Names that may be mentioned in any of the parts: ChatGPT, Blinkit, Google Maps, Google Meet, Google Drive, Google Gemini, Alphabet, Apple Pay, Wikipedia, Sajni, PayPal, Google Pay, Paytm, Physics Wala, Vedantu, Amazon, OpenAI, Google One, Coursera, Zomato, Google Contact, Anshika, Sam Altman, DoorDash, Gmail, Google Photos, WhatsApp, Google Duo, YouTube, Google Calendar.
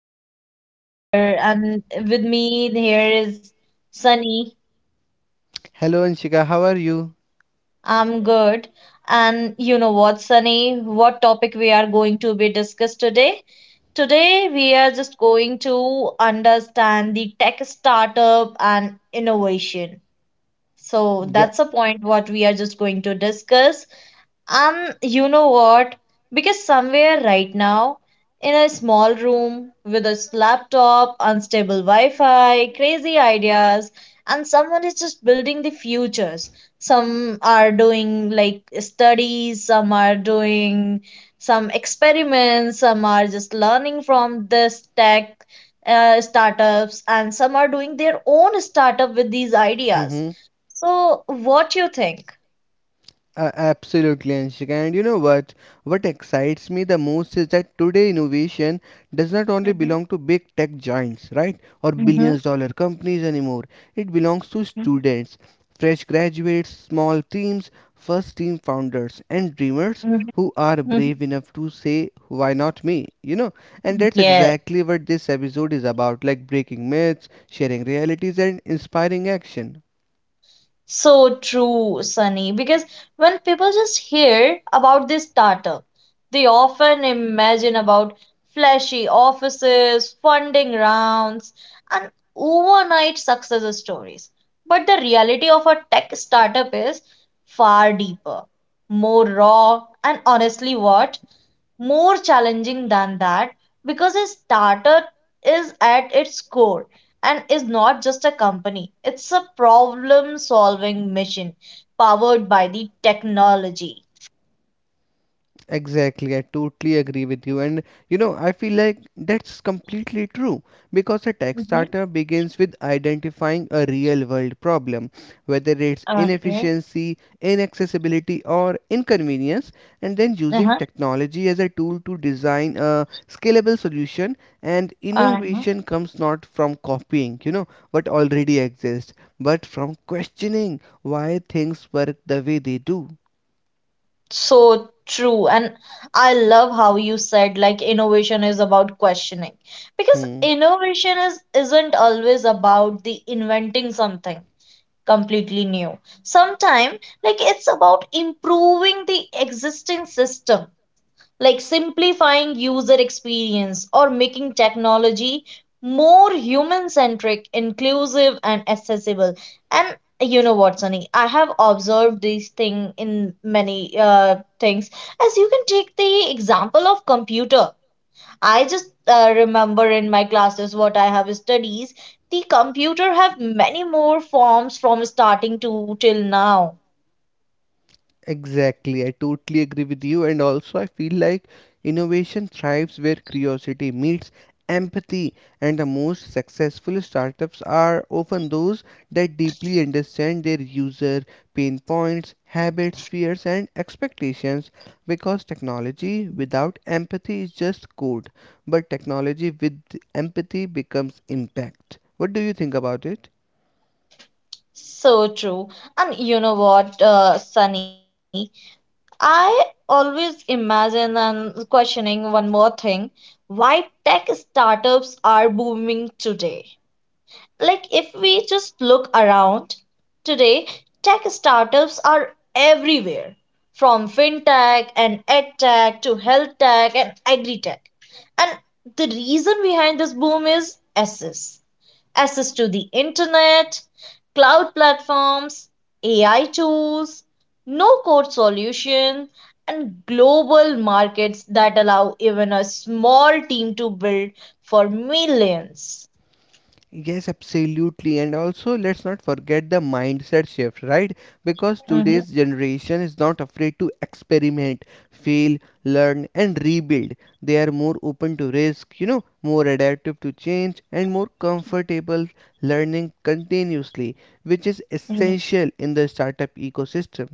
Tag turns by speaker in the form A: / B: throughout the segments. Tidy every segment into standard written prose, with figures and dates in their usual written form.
A: thanks to being here. And with me here is Sunny.
B: Hello, Anshika. How are you?
A: I'm good. And you know what, Sunny? What topic we are going to be discussed today? Today we are just going to understand the tech startup and innovation. So
B: Yeah.
A: that's the point what we are just going to discuss. You know what? Because somewhere right now, in a small room with a laptop, unstable Wi Fi, crazy ideas, and someone is just building the futures. Some are doing like studies, some are doing some experiments, some are just learning from this tech startups, and some are doing their own startup with these ideas.
B: Mm-hmm.
A: So, what you think?
B: Absolutely, Anshika. And you know what? What excites me the most is that today innovation does not only
A: Mm-hmm.
B: belong to big tech giants, right? Or
A: Mm-hmm.
B: billions dollar companies anymore. It belongs to students, fresh graduates, small teams, first team founders, and dreamers
A: Mhm,
B: who are
A: mhm.
B: brave enough to say, why not me? You know? And that's
A: Yeah,
B: exactly what this episode is about like breaking myths, sharing realities, and inspiring action.
A: so true, Sunny. Because when people just hear about this startup, they often imagine about flashy offices, funding rounds, and overnight success stories. But the reality of a tech startup is far deeper, more raw, and honestly, what? More challenging than that because a startup is at its core and is not just a company, it's a problem solving mission powered by the technology.
B: Exactly, I totally agree with you. And you know, I feel like that's completely true because a tech
A: Mhm.
B: startup begins with identifying a real world problem, whether it's
A: Okay.
B: inefficiency, inaccessibility, or inconvenience, and then using
A: Uh-huh.
B: technology as a tool to design a scalable solution. And
A: Uh-huh.
B: innovation comes not from copying, you know, what already exists, but from questioning why things work the way they do.
A: So true. And I love how you said like innovation is about questioning because
B: Hmm.
A: innovation is isn't always about the inventing something completely new. Sometimes, like it's about improving the existing system, like simplifying user experience or making technology more human centric, inclusive, and accessible. And you know what, Sunny? I have observed this thing in many things. As you can take the example of computer I just remember in my classes what I have studies. The computer have many more forms from starting to till now.
B: Exactly, I totally agree with you, and also I feel like innovation thrives where curiosity meets empathy, and the most successful startups are often those that deeply understand their user pain points, habits, fears, and expectations. Because technology without empathy is just code, but technology with empathy becomes impact. What do you think about it?
A: So true. And you know what, Sunny? I always imagine and questioning one more thing. Why tech startups are booming today? Like if we just look around today, tech startups are everywhere, from fintech and edtech to health tech and agri tech, and the reason behind this boom is access, access to the internet, cloud platforms, AI tools, no code solution, and global markets that allow even a small team to build for millions.
B: Yes, absolutely. And also, let's not forget the mindset shift, right? Because
A: Mhm.
B: today's generation is not afraid to experiment, fail, learn, and rebuild. They are more open to risk, you know, more adaptive to change, and more comfortable learning continuously, which is essential in the startup ecosystem.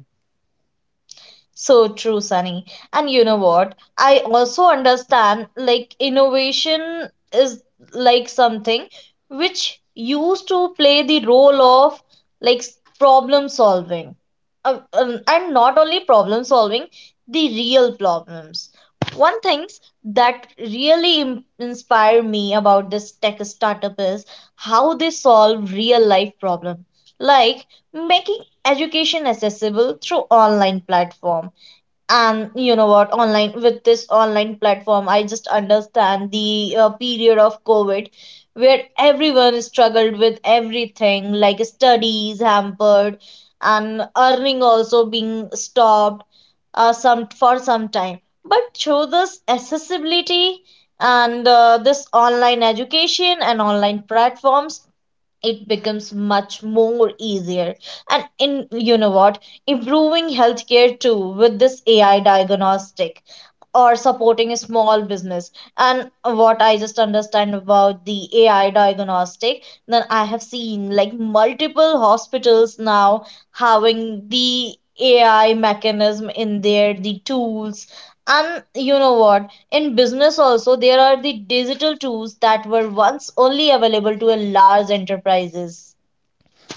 A: So true, Sunny. And you know what? I also understand like innovation is like something which used to play the role of like problem solving. And not only problem solving, the real problems. One things that really inspire me about this tech startup is how they solve real life problem, like making education accessible through online platform. And you know what, online, with this online platform, I just understand the period of covid, where everyone struggled with everything, like studies hampered and earning also being stopped some for some time. But through this accessibility and this online education and online platforms, it becomes much more easier. And in, you know what, improving healthcare too with this AI diagnostic or supporting a small business. And what I just understand about the AI diagnostic, then I have seen like multiple hospitals now having the AI mechanism in there, the tools. And you know what, in business also, there are the digital tools that were once only available to a large enterprises.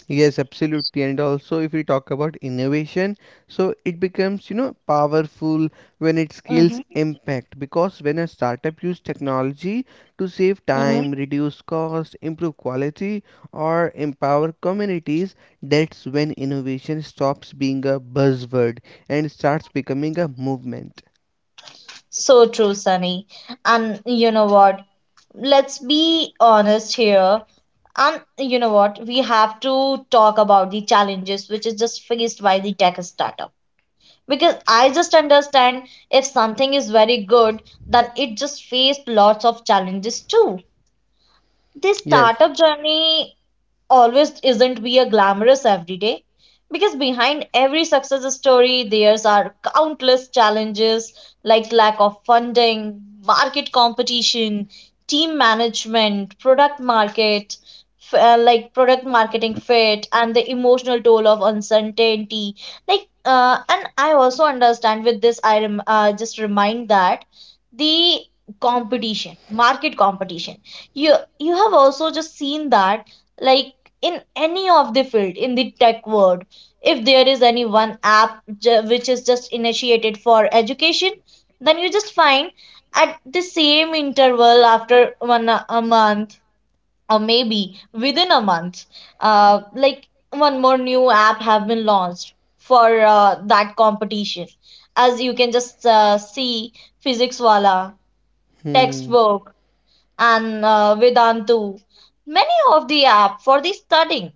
B: Yes, absolutely. And also, if we talk about innovation, so it becomes, you know, powerful when it scales
A: Hmm.
B: impact. Because when a startup uses technology to save
A: Hmm.
B: time, reduce cost, improve quality, or empower communities, that's when innovation stops being a buzzword and starts becoming a movement.
A: So true, Sunny. And you know what? Let's be honest here. And you know what? We have to talk about the challenges which is just faced by the tech startup. Because I just understand if something is very good, then it just faced lots of challenges too. This
B: Yes.
A: startup journey always isn't be a glamorous every day, because behind every success story there's are countless challenges, like lack of funding, market competition, team management, product market like product marketing fit, and the emotional toll of uncertainty. Like and I also understand with this just remind that the competition, market competition. You have also just seen that, like, in any of the field in the tech world, if there is any one app which is just initiated for education, then you just find at the same interval after one a month, or maybe within a month, like one more new app have been launched for that competition. As you can just see, physics wala,
B: Hmm.
A: textbook, and vedantu, many of the app for the studying.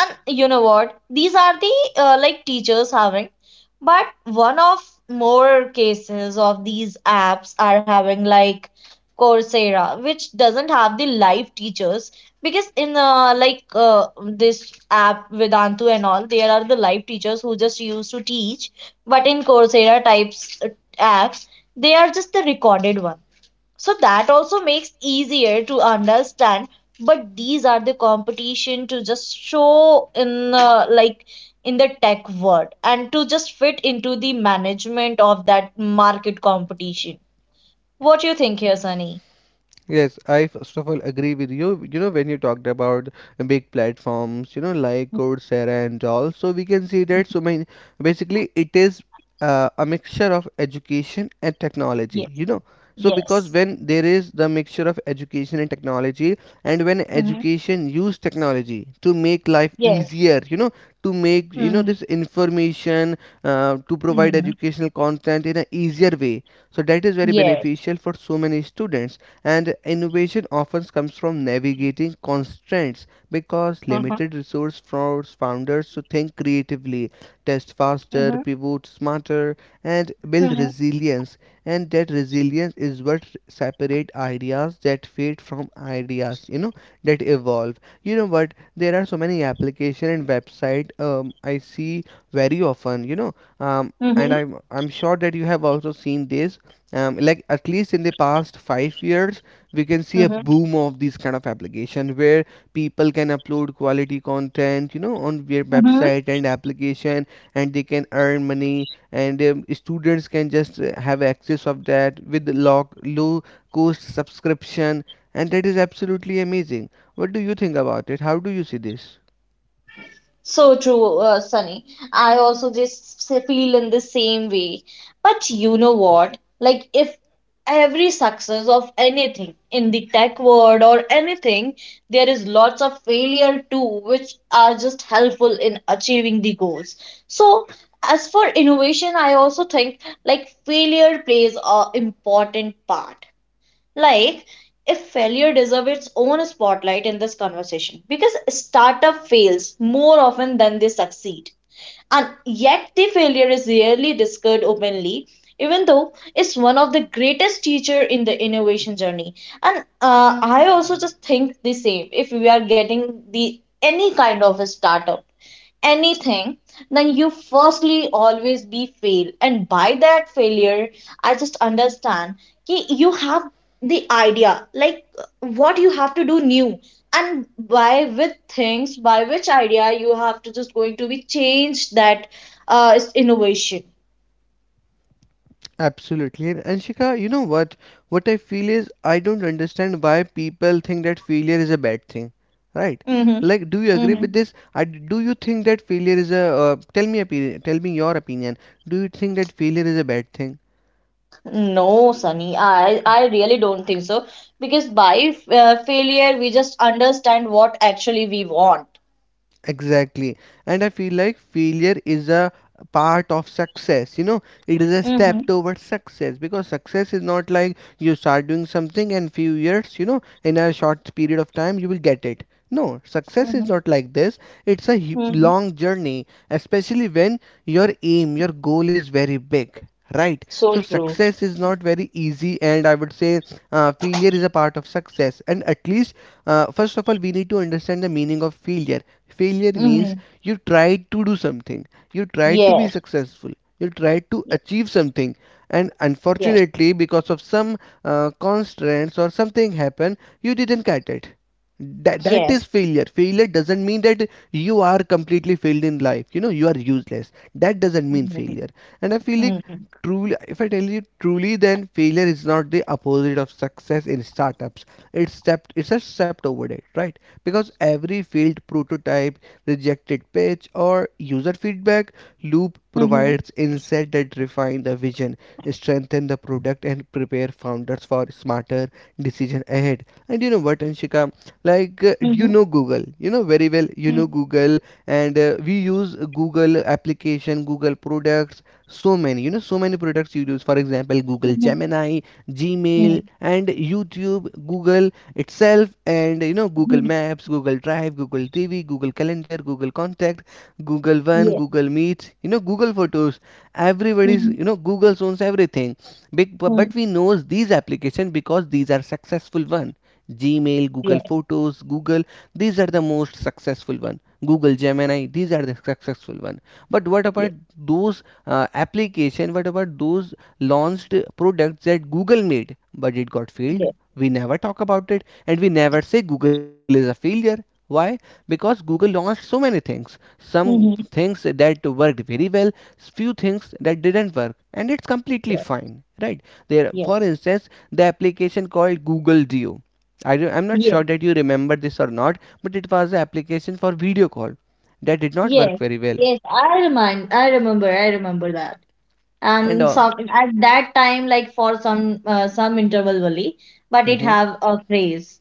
A: And you know what, these are the like teachers having, but one of more cases of these apps are having like coursera, which doesn't have the live teachers. Because in this app vedantu and all, there are the live teachers who just used to teach. But in coursera types apps, they are just the recorded one, so that also makes easier to understand. But these are the competition to just show in like in the tech world and to just fit into the management of that market competition. What you think here, Sunny?
B: Yes, I first of all agree with you. You know, when you talked about big platforms, you know, like Coursera and all, so we can see that so many basically it is a mixture of education and technology,
A: Yes.
B: you know. So, because
A: Yes.
B: when there is the mixture of education and technology, and when
A: Hmm.
B: education use technology to make life
A: Yes.
B: easier, you know, to make you know
A: Hmm.
B: this information to provide
A: Hmm.
B: educational content in an easier way, so that is very
A: Yes.
B: beneficial for so many students and innovation often comes from navigating constraints because
A: Uh-huh.
B: limited resource force founders to think creatively, test faster,
A: Hmm.
B: pivot smarter, and build
A: Hmm.
B: resilience. And that resilience is what separate ideas that fade from ideas, you know, that evolve. You know what? There are so many application and website I see very often, you know, and I'm sure that you have also seen this like at least in the past 5 years we can see a
A: Hmm.
B: boom of these kind of application where people can upload quality content you know on their
A: Hmm.
B: website and application, and they can earn money, and students can just have access of that with low, low cost subscription, and that is absolutely amazing. What do you think about it? How do you see this?
A: So true, Sunny. I also just feel in the same way. But you know what? Like, if every success of anything in the tech world or anything, there is lots of failure too, which are just helpful in achieving the goals. So, as for innovation, I also think like failure plays a important part. Like if failure deserves its own spotlight in this conversation, because startup fails more often than they succeed, and yet the failure is rarely discussed openly, even though it's one of the greatest teacher in the innovation journey. And I also just think the same, if we are getting the any kind of a startup, anything, then you firstly always be fail. And by that failure, I just understand कि you have the idea, like what you have to do new. And by with things, by which idea you have to just going to be change that is innovation.
B: Absolutely. And Anshika, you know what? What I feel is I don't understand why people think that failure is a bad thing, right?
A: Mm-hmm.
B: Like, do you agree with
A: Mm-hmm.
B: this? Do you think that failure is a tell me your opinion. Do you think that failure is a bad thing?
A: No, Sunny, I really don't think so because by failure we just understand what actually we want.
B: Exactly. And I feel like failure is a part of success, you know, it is a
A: Mm-hmm.
B: step towards success because success is not like you start doing something and few years, you know, in a short period of time you will get it. No, success is
A: Mm-hmm.
B: not like this. It's a
A: Mm-hmm.
B: long journey, especially when your aim, your goal is very big, right?
A: So
B: So
A: true.
B: success is not very easy, and I would say failure is a part of success. And at least, first of all, we need to understand the meaning of failure. Failure means
A: Mm-hmm.
B: you tried to do something, you tried to be
A: Yes.
B: successful, you tried to
A: Yes.
B: achieve something, and
A: Yes.
B: unfortunately, because of some constraints or something happened, you didn't get it. That is
A: Yes.
B: failure. Failure doesn't mean that you are completely failed in life. You know, you are useless. That doesn't mean
A: Mm-hmm.
B: failure. And I feel like
A: Mm-hmm.
B: truly, if I tell you truly, then failure is not the opposite of success in startups. It's a step over it, right? Because every field prototype, rejected pitch, or user feedback loop provides insight that refine the vision, strengthen the product, and prepare founders for smarter decision ahead. And you know what, Anshika? Like you
A: Mm-hmm.
B: know Google, you know very well. You know
A: Mm-hmm.
B: Google, and we use Google application, Google products. So many, you know, so many products you use. For example, Google Gemini, Gmail,
A: Mm-hmm.
B: and YouTube, Google itself, and you know, Google
A: Mm-hmm.
B: Maps, Google Drive, Google TV, Google Calendar, Google Contact, Google One,
A: Yes.
B: Google Meet, you know, Google Photos. Everybody's,
A: Mm-hmm.
B: you know, Google owns everything, but we knows these applications because these are successful one. Gmail, Google
A: Yes.
B: Photos, Google, these are the most successful one. Google Gemini, these are the successful one. But what about
A: Yes.
B: those application, what about those launched products that Google made but it got failed?
A: Yes.
B: We never talk about it, and we never say Google is a failure. Why? Because Google launched so many things. Some
A: Mm-hmm.
B: things that worked very well, few things that didn't work, and it's completely
A: Yes.
B: fine, right? There, for
A: Yes.
B: instance, the application called Google Duo. I'm not sure
A: Yes.
B: that you remember this or not, but it was an application for video call that did not work
A: Yes.
B: very well.
A: Yes. I remind. I remember. I remember that.
B: And
A: And
B: uh,
A: some at that time, like for some interval only, but it
B: mhm,
A: have a craze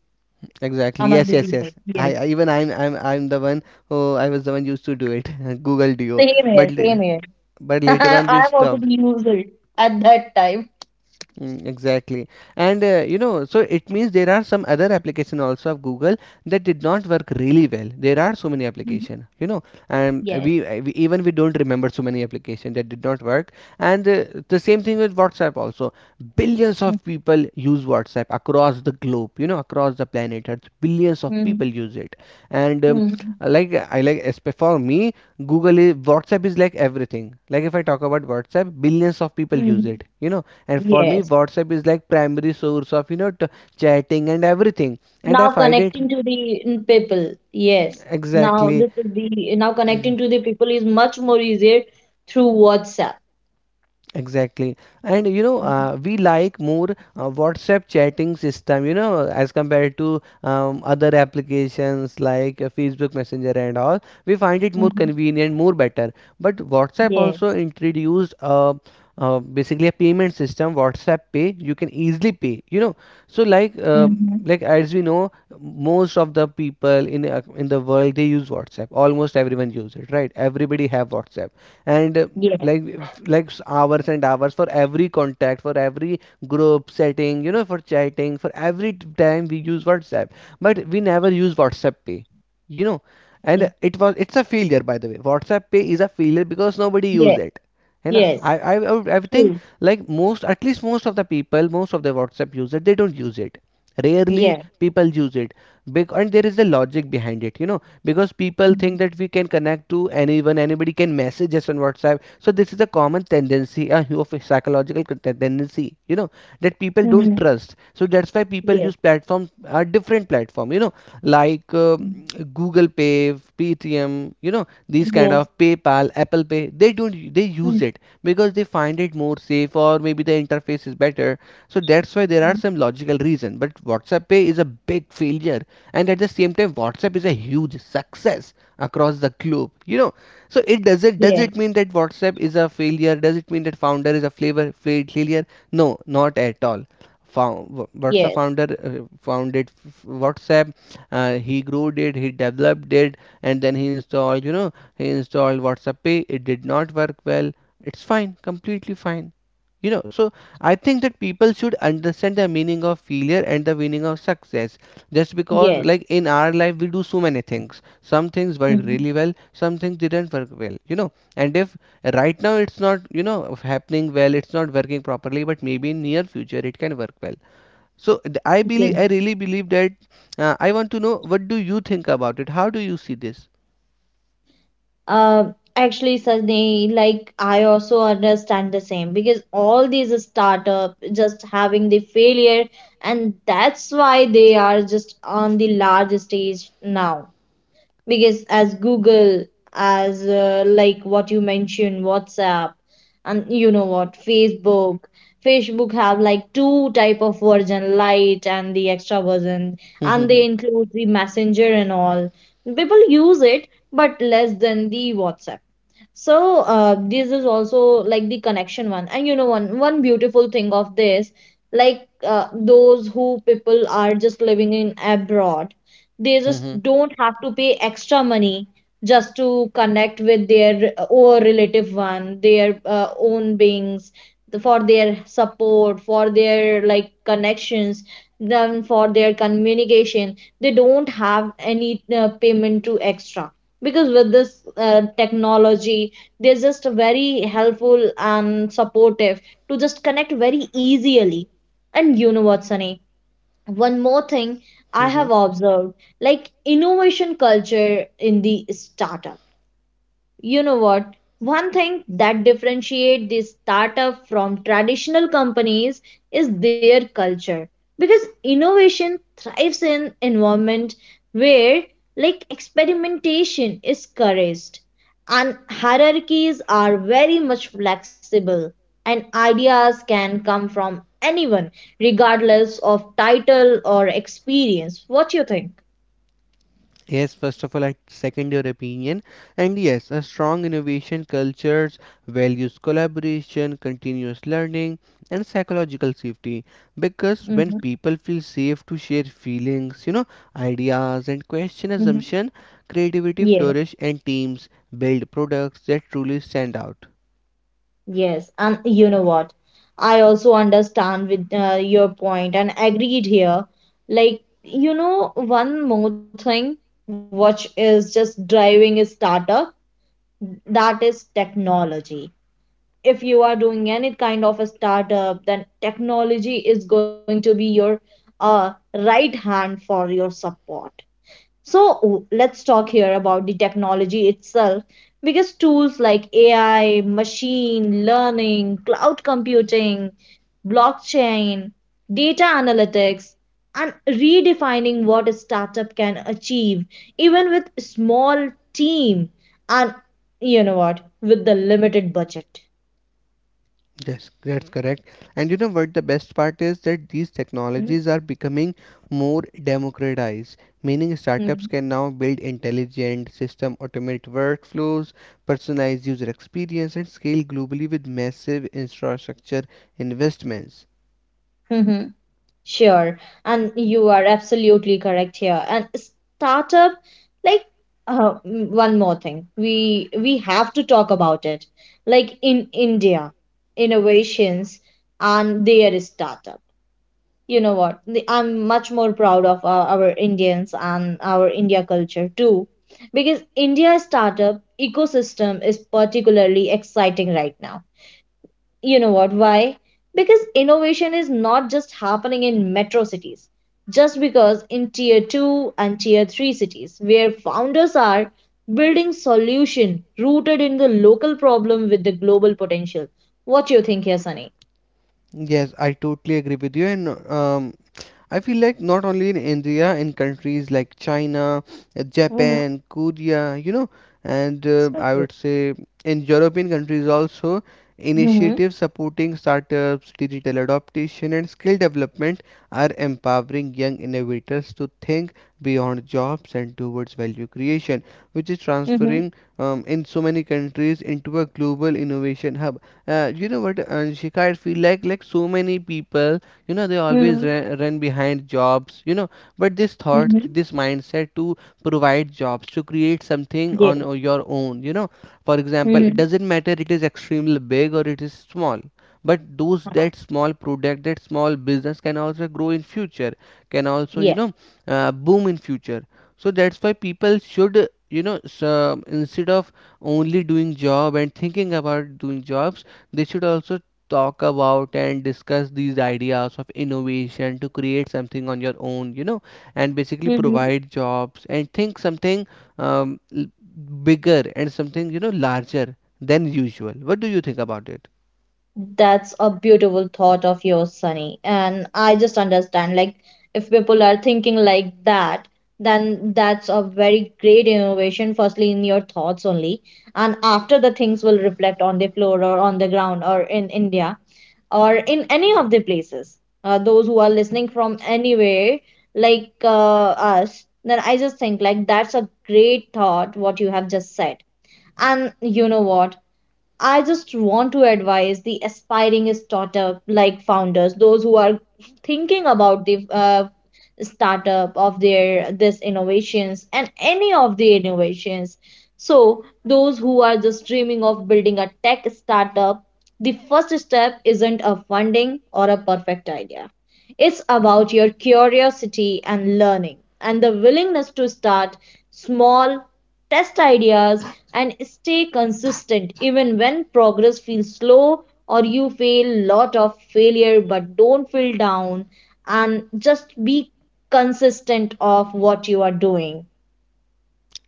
B: exactly,
A: among
B: yes,
A: the
B: yes,
A: people.
B: yes.
A: Yes.
B: I'm the one who, I was the one used to do it, Google Duo.
A: Same
B: But
A: here. Same here.
B: but later on we
A: I'm also
B: stopped.
A: the user at that time.
B: Mm, exactly. and you know, so it means there are some other application also of Google that did not work really well. There are so many
A: Mhm.
B: application, you know, and
A: Yes.
B: we don't remember so many application that did not work. And the same thing with WhatsApp also. Billions
A: Hmm.
B: of people use WhatsApp across the globe, you know, across the planet Earth, billions of people
A: Hmm.
B: use it. And
A: Hmm.
B: like, for me, google is WhatsApp is like everything. Like if I talk about WhatsApp, billions of people use it, you know, and for me
A: Yes.
B: WhatsApp is like primary source of, you know, chatting and everything, and I
A: Now
B: find it
A: connecting to the mm, people. Yes. Now
B: exactly.
A: this is the now connecting to the people is much more easier through WhatsApp.
B: Exactly. And you know, we like more WhatsApp chatting system, you know, as compared to other applications like Facebook Messenger and all. We find it more
A: Mm-hmm.
B: convenient, more better. But WhatsApp also
A: Yes.
B: introduced basically a payment system, WhatsApp Pay. You can easily pay, you know. So like
A: Mm-hmm.
B: like, as we know, most of the people in the world they use WhatsApp. Almost everyone use it, right? Everybody have WhatsApp, and
A: Yes.
B: like like hours and hours for every contact, for every group setting, you know, for chatting, for every time we use WhatsApp, but we never use WhatsApp Pay, you know. And
A: Yes.
B: it was, it's a failure. By the way, WhatsApp Pay is a failure because nobody use
A: Yes.
B: it. And
A: Yes.
B: I think
A: True.
B: like most, at least most of the people, most of the WhatsApp user, they don't use it. Rarely
A: Yes.
B: people use it. Big, and there is a logic behind it, you know, because people think that we can connect to anyone, anybody can message us on WhatsApp. So this is a common tendency, a of psychological tendency, you know, that people don't
A: Mm-hmm.
B: trust. So that's why people
A: Yes.
B: use platforms, a different platform, you know, like
A: Hmm.
B: Google Pay, Paytm, you know, these kind
A: Yes.
B: of, PayPal, Apple Pay. They don't they
A: Hmm.
B: use it because they find it more safe, or maybe the interface is better. So that's why there are some logical reason. But WhatsApp Pay is a big failure, and at the same time WhatsApp is a huge success across the globe, you know. So it does,
A: Yes.
B: it mean that WhatsApp is a failure? Does it mean that founder is a flavor, failure? No, not at all.
A: Yes.
B: WhatsApp founder founded WhatsApp, he grew it, he developed it, and then he installed, you know, he installed WhatsApp Pay. It did not work well. It's fine, completely fine, you know. So I think that people should understand the meaning of failure and the meaning of success. Just
A: Yes.
B: because, like, in our life we do so many things, some things worked
A: Mm-hmm.
B: really well, some things didn't work well, you know. And if right now it's not, you know, happening well, it's not working properly, but maybe in near future it can work well. So I believe I really believe that. I want to know, what do you think about it? How do you see this?
A: Uh, Actually, Sajni, like I also understand the same because all these startup just having the failure, and that's why they are just on the large stage now, because as google, as like what you mentioned, whatsapp. And you know what, facebook, facebook have like two type of version, light and the extra version, and they include the messenger and all. People use it but less than the whatsapp. So this is also like the connection one. And you know, one beautiful thing of this, like those who people are just living in abroad, they just don't have to pay extra money just to connect with their own relative one, their own beings, the for their support, for their like connections, then for their communication, they don't have any payment to extra. Because with this technology, they're just very helpful and supportive to just connect very easily. And you know what, Sunny, one more thing I have observed, like innovation culture in the startup. You know what, one thing that differentiate this startup from traditional companies is their culture, because innovation thrives in environment where, like, experimentation is encouraged and hierarchies are very much flexible, and ideas can come from anyone regardless of title or experience. What you think?
B: Yes, first of all, I second your opinion. And yes, a strong innovation culture's values collaboration, continuous learning, and psychological safety. Because when
A: Mm-hmm.
B: people feel safe to share feelings, ideas, and question
A: Mm-hmm.
B: assumption, creativity flourish and teams build products that truly stand out.
A: Yes, and you know what? I also understand with your point and agreed here. Like, you know, one more thing which is just driving a startup, that is technology. If you are doing any kind of a startup, then technology is going to be your right hand for your support. So let's talk here about the technology itself, because tools like AI, machine learning, cloud computing, blockchain, data analytics, and redefining what a startup can achieve, even with small team, and you know what, with the limited budget.
B: Yes, that's correct. And you know what the best part is? That these
A: Mhm.
B: technologies are becoming more democratized, meaning startups
A: Mhm.
B: can now build intelligent system, automate workflows, personalize user experience, and scale globally with massive infrastructure investments.
A: Mhm. Sure, and you are absolutely correct here. And startup, like one more thing, we have to talk about it. Like in India, innovations and their startup. You know what? I'm much more proud of our Indians and our India culture too, because India startup ecosystem is particularly exciting right now. You know what? Why? Because innovation is not just happening in metro cities, just because in tier 2 and tier 3 cities, where founders are building solution rooted in the local problem with the global potential. What do you think here, Sunny?
B: Yes, I totally agree with you, and I feel like not only in India, in countries like China,
A: Mm-hmm.
B: Japan, Korea, you know, and
A: So
B: I
A: true.
B: would say in European countries also,
A: Mm-hmm.
B: initiatives supporting startups, digital adaptation, and skill development are empowering young innovators to think beyond jobs and towards value creation, which is
A: Mm-hmm.
B: transferring in so many countries into a global innovation hub. You know what, Anshika, I feel like so many people, you know, they always
A: Mm-hmm.
B: run behind jobs, you know. But this thought,
A: Mm-hmm.
B: this mindset to provide jobs, to create something on
A: Yes.
B: your own, you know. For example, it
A: Mm-hmm.
B: doesn't matter, it is extremely big or it is small, but those,
A: Yeah.
B: that small product, that small business can also grow in future, can also, you
A: Yeah.
B: know, boom in future. So that's why people should, you know, so instead of only doing job and thinking about doing jobs, they should also talk about and discuss these ideas of innovation to create something on your own, you know, and basically
A: Mm-hmm.
B: provide jobs and think something um, l- bigger and something, you know, larger than usual. What do you think about it?
A: That's a beautiful thought of yours, Sunny. And I just understand, if people are thinking like that, then that's a very great innovation, firstly, in your thoughts only. And after the things will reflect on the floor or on the ground or in India or in any of the places. Those who are listening from anywhere, like uh, us, then I just think, that's a great thought, what you have just said. And you know what? I just want to advise the aspiring startup like founders, those who are thinking about the startup of their this innovations and any of the innovations. So those who are just dreaming of building a tech startup, the first step isn't a funding or a perfect idea. It's about your curiosity and learning and the willingness to start small, test ideas and stay consistent even when progress feels slow or you feel lot of failure but don't feel down and just be consistent of what you are doing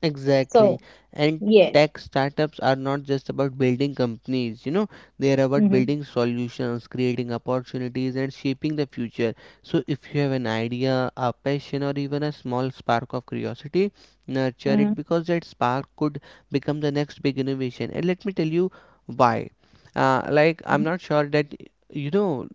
B: Exactly.
A: so
B: And
A: yeah.
B: tech startups are not just about building companies, you know, they are about
A: Mm-hmm.
B: building solutions, creating opportunities, and shaping the future. So, if you have an idea, a passion, or even a small spark of curiosity, nurture
A: Mm-hmm.
B: it because that spark could become the next big innovation. And let me tell you why. Like, I'm not sure that, you know,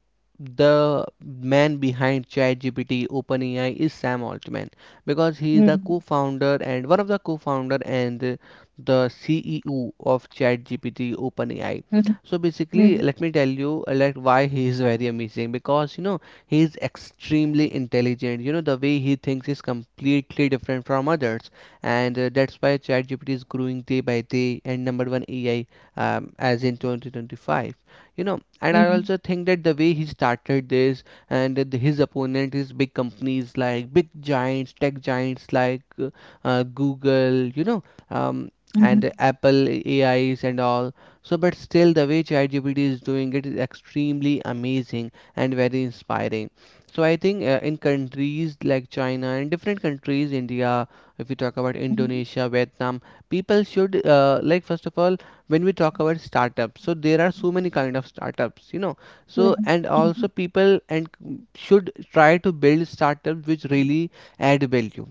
B: the man behind ChatGPT, OpenAI is Sam Altman, because he is the
A: Mm-hmm.
B: co-founder, and one of the co-founder and the CEO of ChatGPT OpenAI.
A: Mm-hmm.
B: So basically, let me tell you, like, why he is very amazing, because you know he is extremely intelligent. You know the way he thinks is completely different from others, and that's why ChatGPT is growing day by day and number one AI as in 2025. You know, and I
A: Mm-hmm.
B: also think that the way he started this, and his opponent is big companies like big giants, tech giants like Google, you know, um,
A: Mm-hmm.
B: and Apple AIs and all. So, but still, the way ChatGPT is doing it is extremely amazing and very inspiring. So, I think in countries like China and different countries, India, if we talk about
A: Mm-hmm.
B: Indonesia, Vietnam, people should, like first of all, when we talk about startups. So there are so many kind of startups, you know, so and
A: Mm-hmm.
B: also people and should try to build startups which really add value,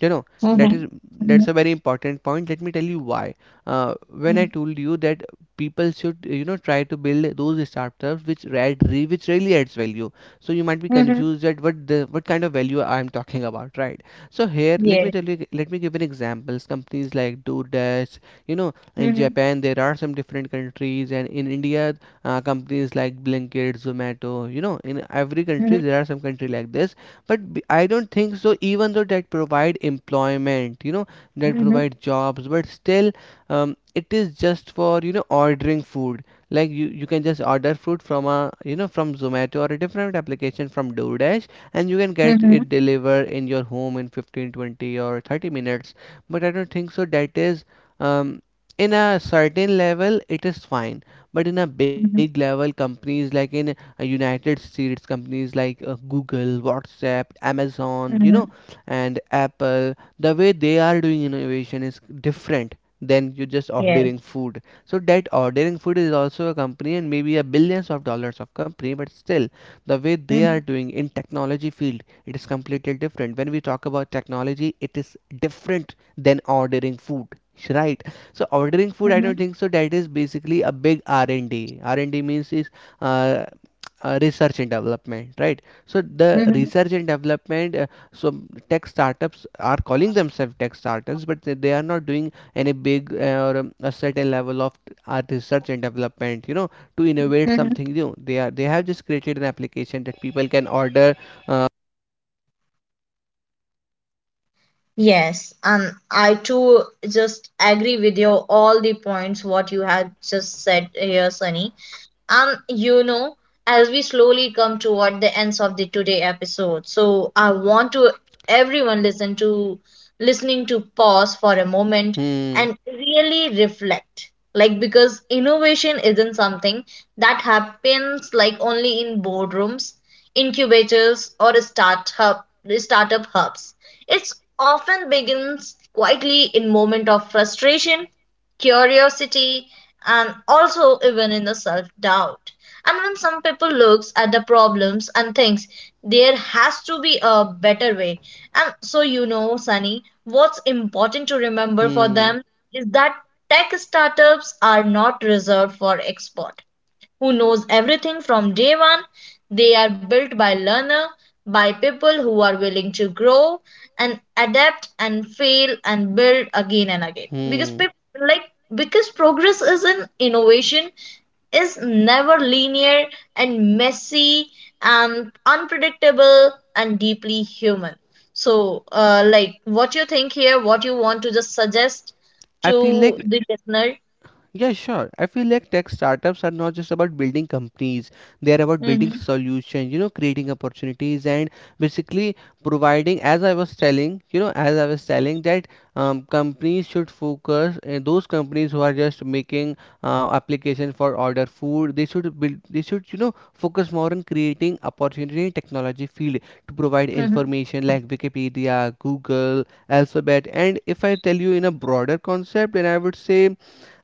B: you know, that
A: Mhm.
B: is,
A: Mhm.
B: that's a very important point. Let me tell you why. uh, when I
A: Mhm.
B: told you that people should, you know, try to build those startups which which really adds value. So you might be
A: Yes.
B: confused that what kind of value I'm talking about, right? So here let me tell you, let me give an examples. Companies like DoorDash, you know, in
A: Mhm.
B: Japan, there are some different countries, and in India, companies like Blinkit, Zomato. You know, in every country
A: Mhm.
B: there are some country like this, but I don't think so. Even though that provide employment, you know, that
A: Mhm.
B: provide jobs, but still, it is just for, you know, ordering food. Like you can just order food from a, you know, from Zomato or a different application from DoorDash, and you can get
A: Mhm.
B: it delivered in your home in 15, 20, or 30 minutes. But I don't think so. That is um, in a certain level it is fine, but in a big
A: Mhm.
B: level, companies like in United States, companies like Google, WhatsApp, Amazon, you
A: Mhm.
B: know, and Apple, the way they are doing innovation is different than you just ordering
A: Yes.
B: food. So that ordering food is also a company and maybe a billions of dollars of company, but still, the way they are
A: Mhm.
B: doing in technology field, it is completely different. When we talk about technology, it is different than ordering food, right? So ordering food, I don't think so. That is basically a big R and D. R and D means is uh, research and development, right? So the
A: Mhm.
B: research and development. So tech startups are calling themselves tech startups, but they are not doing any big or a certain level of research and development. You know, to innovate
A: Mhm.
B: something new. They have just created an application that people can order. Uh,
A: Yes, and I too just agree with you all the points what you have just said here, Sunny. You know, as we slowly come toward the ends of the today episode, so I want to everyone listen to listening to pause for a moment
B: hmm.
A: and really reflect, like, because innovation isn't something that happens like only in boardrooms, incubators, or startup hubs. It's often begins quietly in moment of frustration, curiosity, and also even in the self doubt. And when some people looks at the problems and thinks there has to be a better way. And so, you know, Sunny, what's important to remember for
B: Hmm.
A: them is that tech startups are not reserved for experts who knows everything from day one. They are built by learner, by people who are willing to grow and adapt and fail and build again and again. Because
B: Hmm.
A: people like because progress is in innovation is never linear and messy and unpredictable and deeply human. So, what you think here? What you want to just suggest
B: I feel
A: to
B: like.
A: the listener?
B: Yeah, sure. I feel like tech startups are not just about building companies, they are about building
A: Mm-hmm.
B: solutions, you know, creating opportunities, and basically providing, as I was telling, you know, as I was telling that companies should focus, those companies who are just making application for order food, they should build, they should, you know, focus more on creating opportunity in technology field to provide
A: Mm-hmm.
B: information like Wikipedia, Google, Alphabet. And if I tell you in a broader concept, then I would say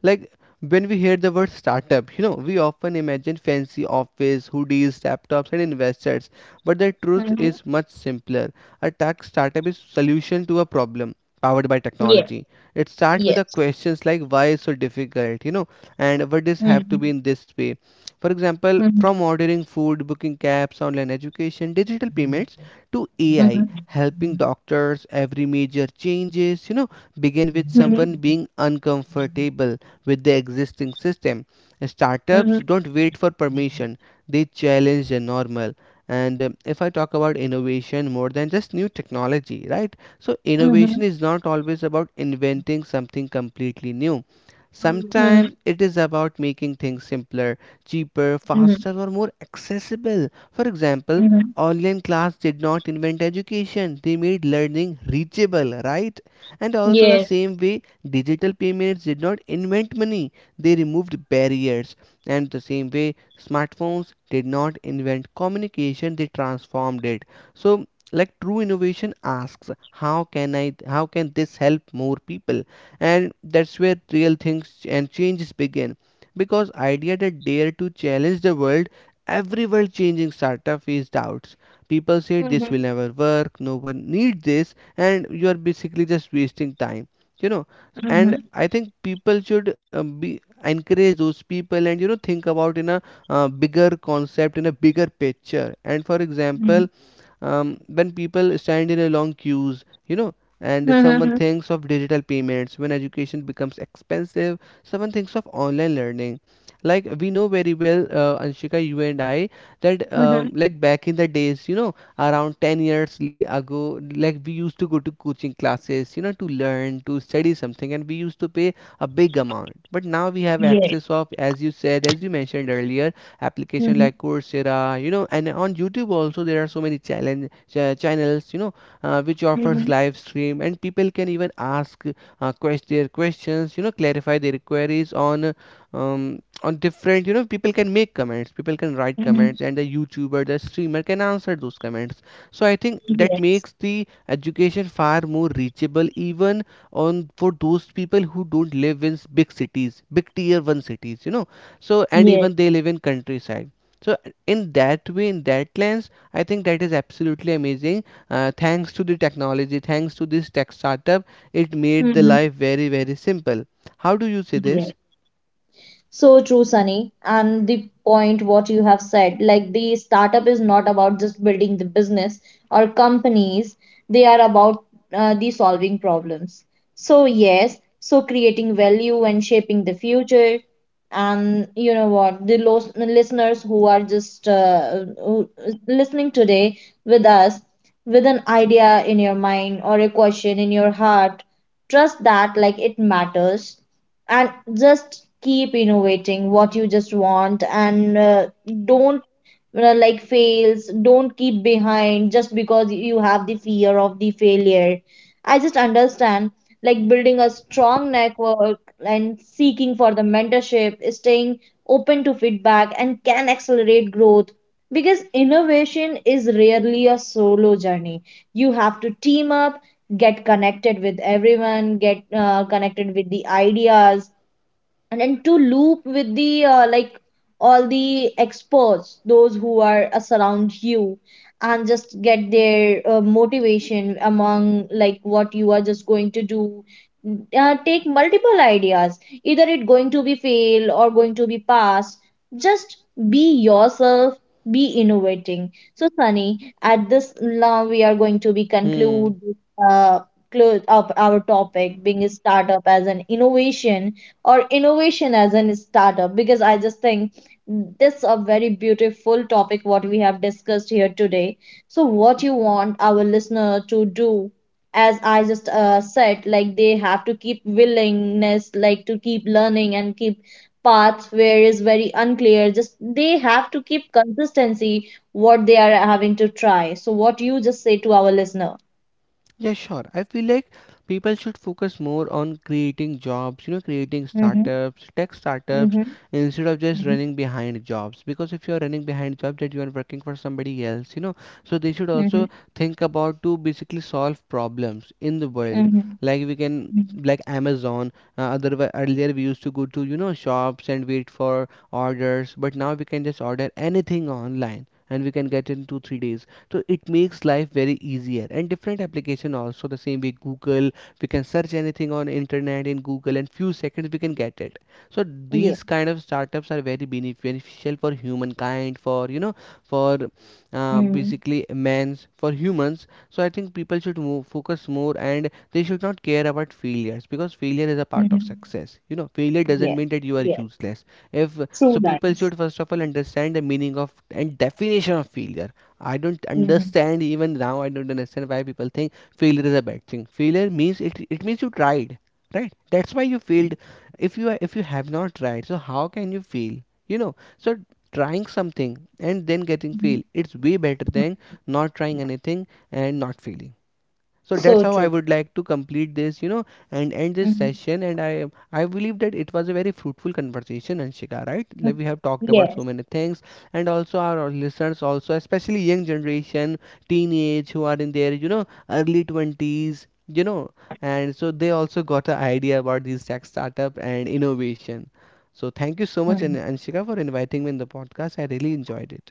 B: like when we hear the word startup, you know, we often imagine fancy office, hoodies, laptops, and investors. But the truth
A: Mm-hmm.
B: is much simpler. A tech startup is solution to a problem powered by
A: Yeah.
B: technology. It starts
A: Yeah.
B: with the questions like why is so difficult, you know, and what does have
A: Mhm,
B: to be in this way. For example,
A: mhm,
B: from ordering food, booking cabs, online education, digital payments to AI
A: mhm,
B: helping doctors, every major changes, you know, begin with someone
A: mhm,
B: being uncomfortable with the existing system.
A: mhm,
B: Startups don't wait for permission, they challenge the normal. And if I talk about innovation more than just new technology, right? So,
A: mhm,
B: innovation is not always about inventing something completely new.
A: mhm,
B: Sometimes it is about making things simpler, cheaper,
A: mhm,
B: faster, or more accessible. For example,
A: mhm.
B: online class did not invent education, they made learning reachable, right? And also, the
A: Yes.
B: same way, digital payments did not invent money, they removed barriers. And the same way, smartphones did not invent communication, they transformed it. So, like true innovation asks, how can this help more people? And that's where real things and changes begin. Because idea that dare to challenge the world, every world changing startup is doubts. People say this will
A: Mhm,
B: never work, no one need this, and you are basically just wasting time, you know. And
A: mhm,
B: I think people should, be encourage those people, and you know, think about in a bigger concept, in a bigger picture. And for example,
A: mhm,
B: when people stand in a long queues, you know, and someone
A: mhm,
B: thinks of digital payments, when education becomes expensive, someone thinks of online learning. Like we know very well, Anshika, you and I, that
A: mhm.
B: like back in the days, you know, around 10 years ago, like we used to go to coaching classes, you know, to learn, to study something, and we used to pay a big amount. But now we have
A: Yes.
B: access of, as you said, as you mentioned earlier, application
A: Mhm,
B: like Coursera, you know, and on YouTube also there are so many channels, you know, which offers
A: mhm,
B: live stream, and people can even ask, quest their questions, you know, clarify their queries on different, you know, people can make comments, people can write
A: mhm.
B: comments, and the YouTuber, the streamer can answer those comments. So I think that
A: Yes.
B: makes the education far more reachable, even on for those people who don't live in big cities, big tier one cities, you know. So, and even they live in countryside, so in that way, in that lens, I think that is absolutely amazing. Thanks to the technology, thanks to this tech startup, it made the
A: Mm-hmm. Yes.
B: life very very simple. How do you see
A: Mhm.
B: this?
A: So true, Sunny. And the point what you have said, like the startup is not about just building the business or companies, they are about the solving problems. So yes, so creating value and shaping the future. And you know what, the listeners who are just listening today with us, with an idea in your mind or a question in your heart, trust that like it matters, and just keep innovating what you just want, and don't like fails don't keep behind just because you have the fear of the failure. I just understand, like building a strong network and seeking for the mentorship, staying open to feedback and can accelerate growth, because innovation is rarely a solo journey. You have to team up, get connected with everyone, get connected with the ideas, and then to loop with the like all the experts, those who are surround you, and just get their motivation among like what you are just going to do. Take multiple ideas, either it going to be fail or going to be pass, just be yourself, be innovating. So Sunny, at this now we are going to be
B: Hmm.
A: conclude, uh, close up our topic being a startup as an innovation or innovation as a startup, because I just think this is a very beautiful topic what we have discussed here today. So what you want our listener to do, as I just said, like they have to keep willingness like to keep learning and keep paths where is very unclear, just they have to keep consistency what they are having to try. So what you just say to our listener.
B: Yeah, sure. I feel like people should focus more on creating jobs, you know, creating
A: Mm-hmm.
B: startups, tech startups,
A: Mm-hmm.
B: instead of just running behind jobs. Because if you are running behind jobs, that you are working for somebody else, you know, so they should
A: Mm-hmm.
B: also think about to basically solve problems in the world.
A: Mm-hmm.
B: Like we can,
A: Mm-hmm.
B: like Amazon. Otherwise, earlier we used to go to, you know, shops and wait for orders, but now we can just order anything online and we can get in two, 3 days. So it makes life very easier, and different application also the same way, Google. We can search anything on internet in Google, and few seconds we can get it. So these kind of startups are very beneficial for humankind, for you know, for,
A: Yeah.
B: basically man's, for humans. So I think people should move, focus more, and they should not care about failures, because failure is a part of
A: Mhm.
B: success, you know. Failure doesn't
A: Yeah,
B: mean that you are
A: yeah.
B: useless. if
A: True
B: so people
A: lines.
B: should first of all understand the meaning of and definition of failure. I don't
A: Mhm.
B: understand, even now. I don't understand why people think failure is a bad thing. Failure means it. It means you tried, right? That's why you failed. If you have not tried, so how can you fail? You know. So trying something and then getting
A: Mhm.
B: failed, it's way better than not trying anything and not failing. So that's
A: So
B: how I
A: true.
B: would like to complete this, you know, and end this
A: Mhm.
B: session. And I believe that it was a very fruitful conversation, Anshika, right? Like
A: Mhm.
B: we have talked about so
A: Yes.
B: many things, and also our listeners also, especially young generation, teenage, who are in their, you know, early 20s, you know, and so they also got an idea about these tech startup and innovation. So thank you so much,
A: Mhm.
B: Anshika, for inviting me in the podcast. I really enjoyed it.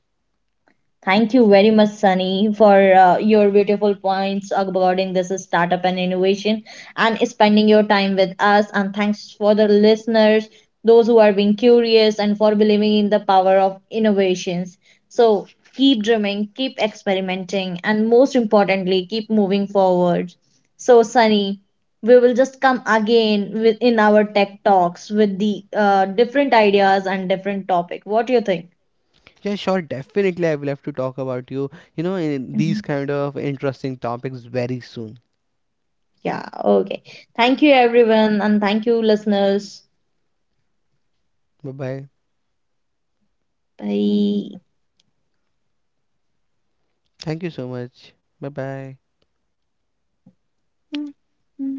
A: Thank you very much, Sunny, for your beautiful points regarding this startup and innovation and spending your time with us. And thanks for the listeners, those who are being curious and for believing in the power of innovations. So keep dreaming, keep experimenting, and most importantly, keep moving forward. So, Sunny, we will just come again with in our tech talks with the different ideas and different topic. What do you think?
B: Yeah, sure. Definitely, I will have to talk about you, you know, in these kind of interesting topics very soon.
A: Yeah, okay. Thank you, everyone, and thank you, listeners.
B: Bye bye.
A: Bye.
B: Thank you so much. Bye bye.
A: Mm, mm.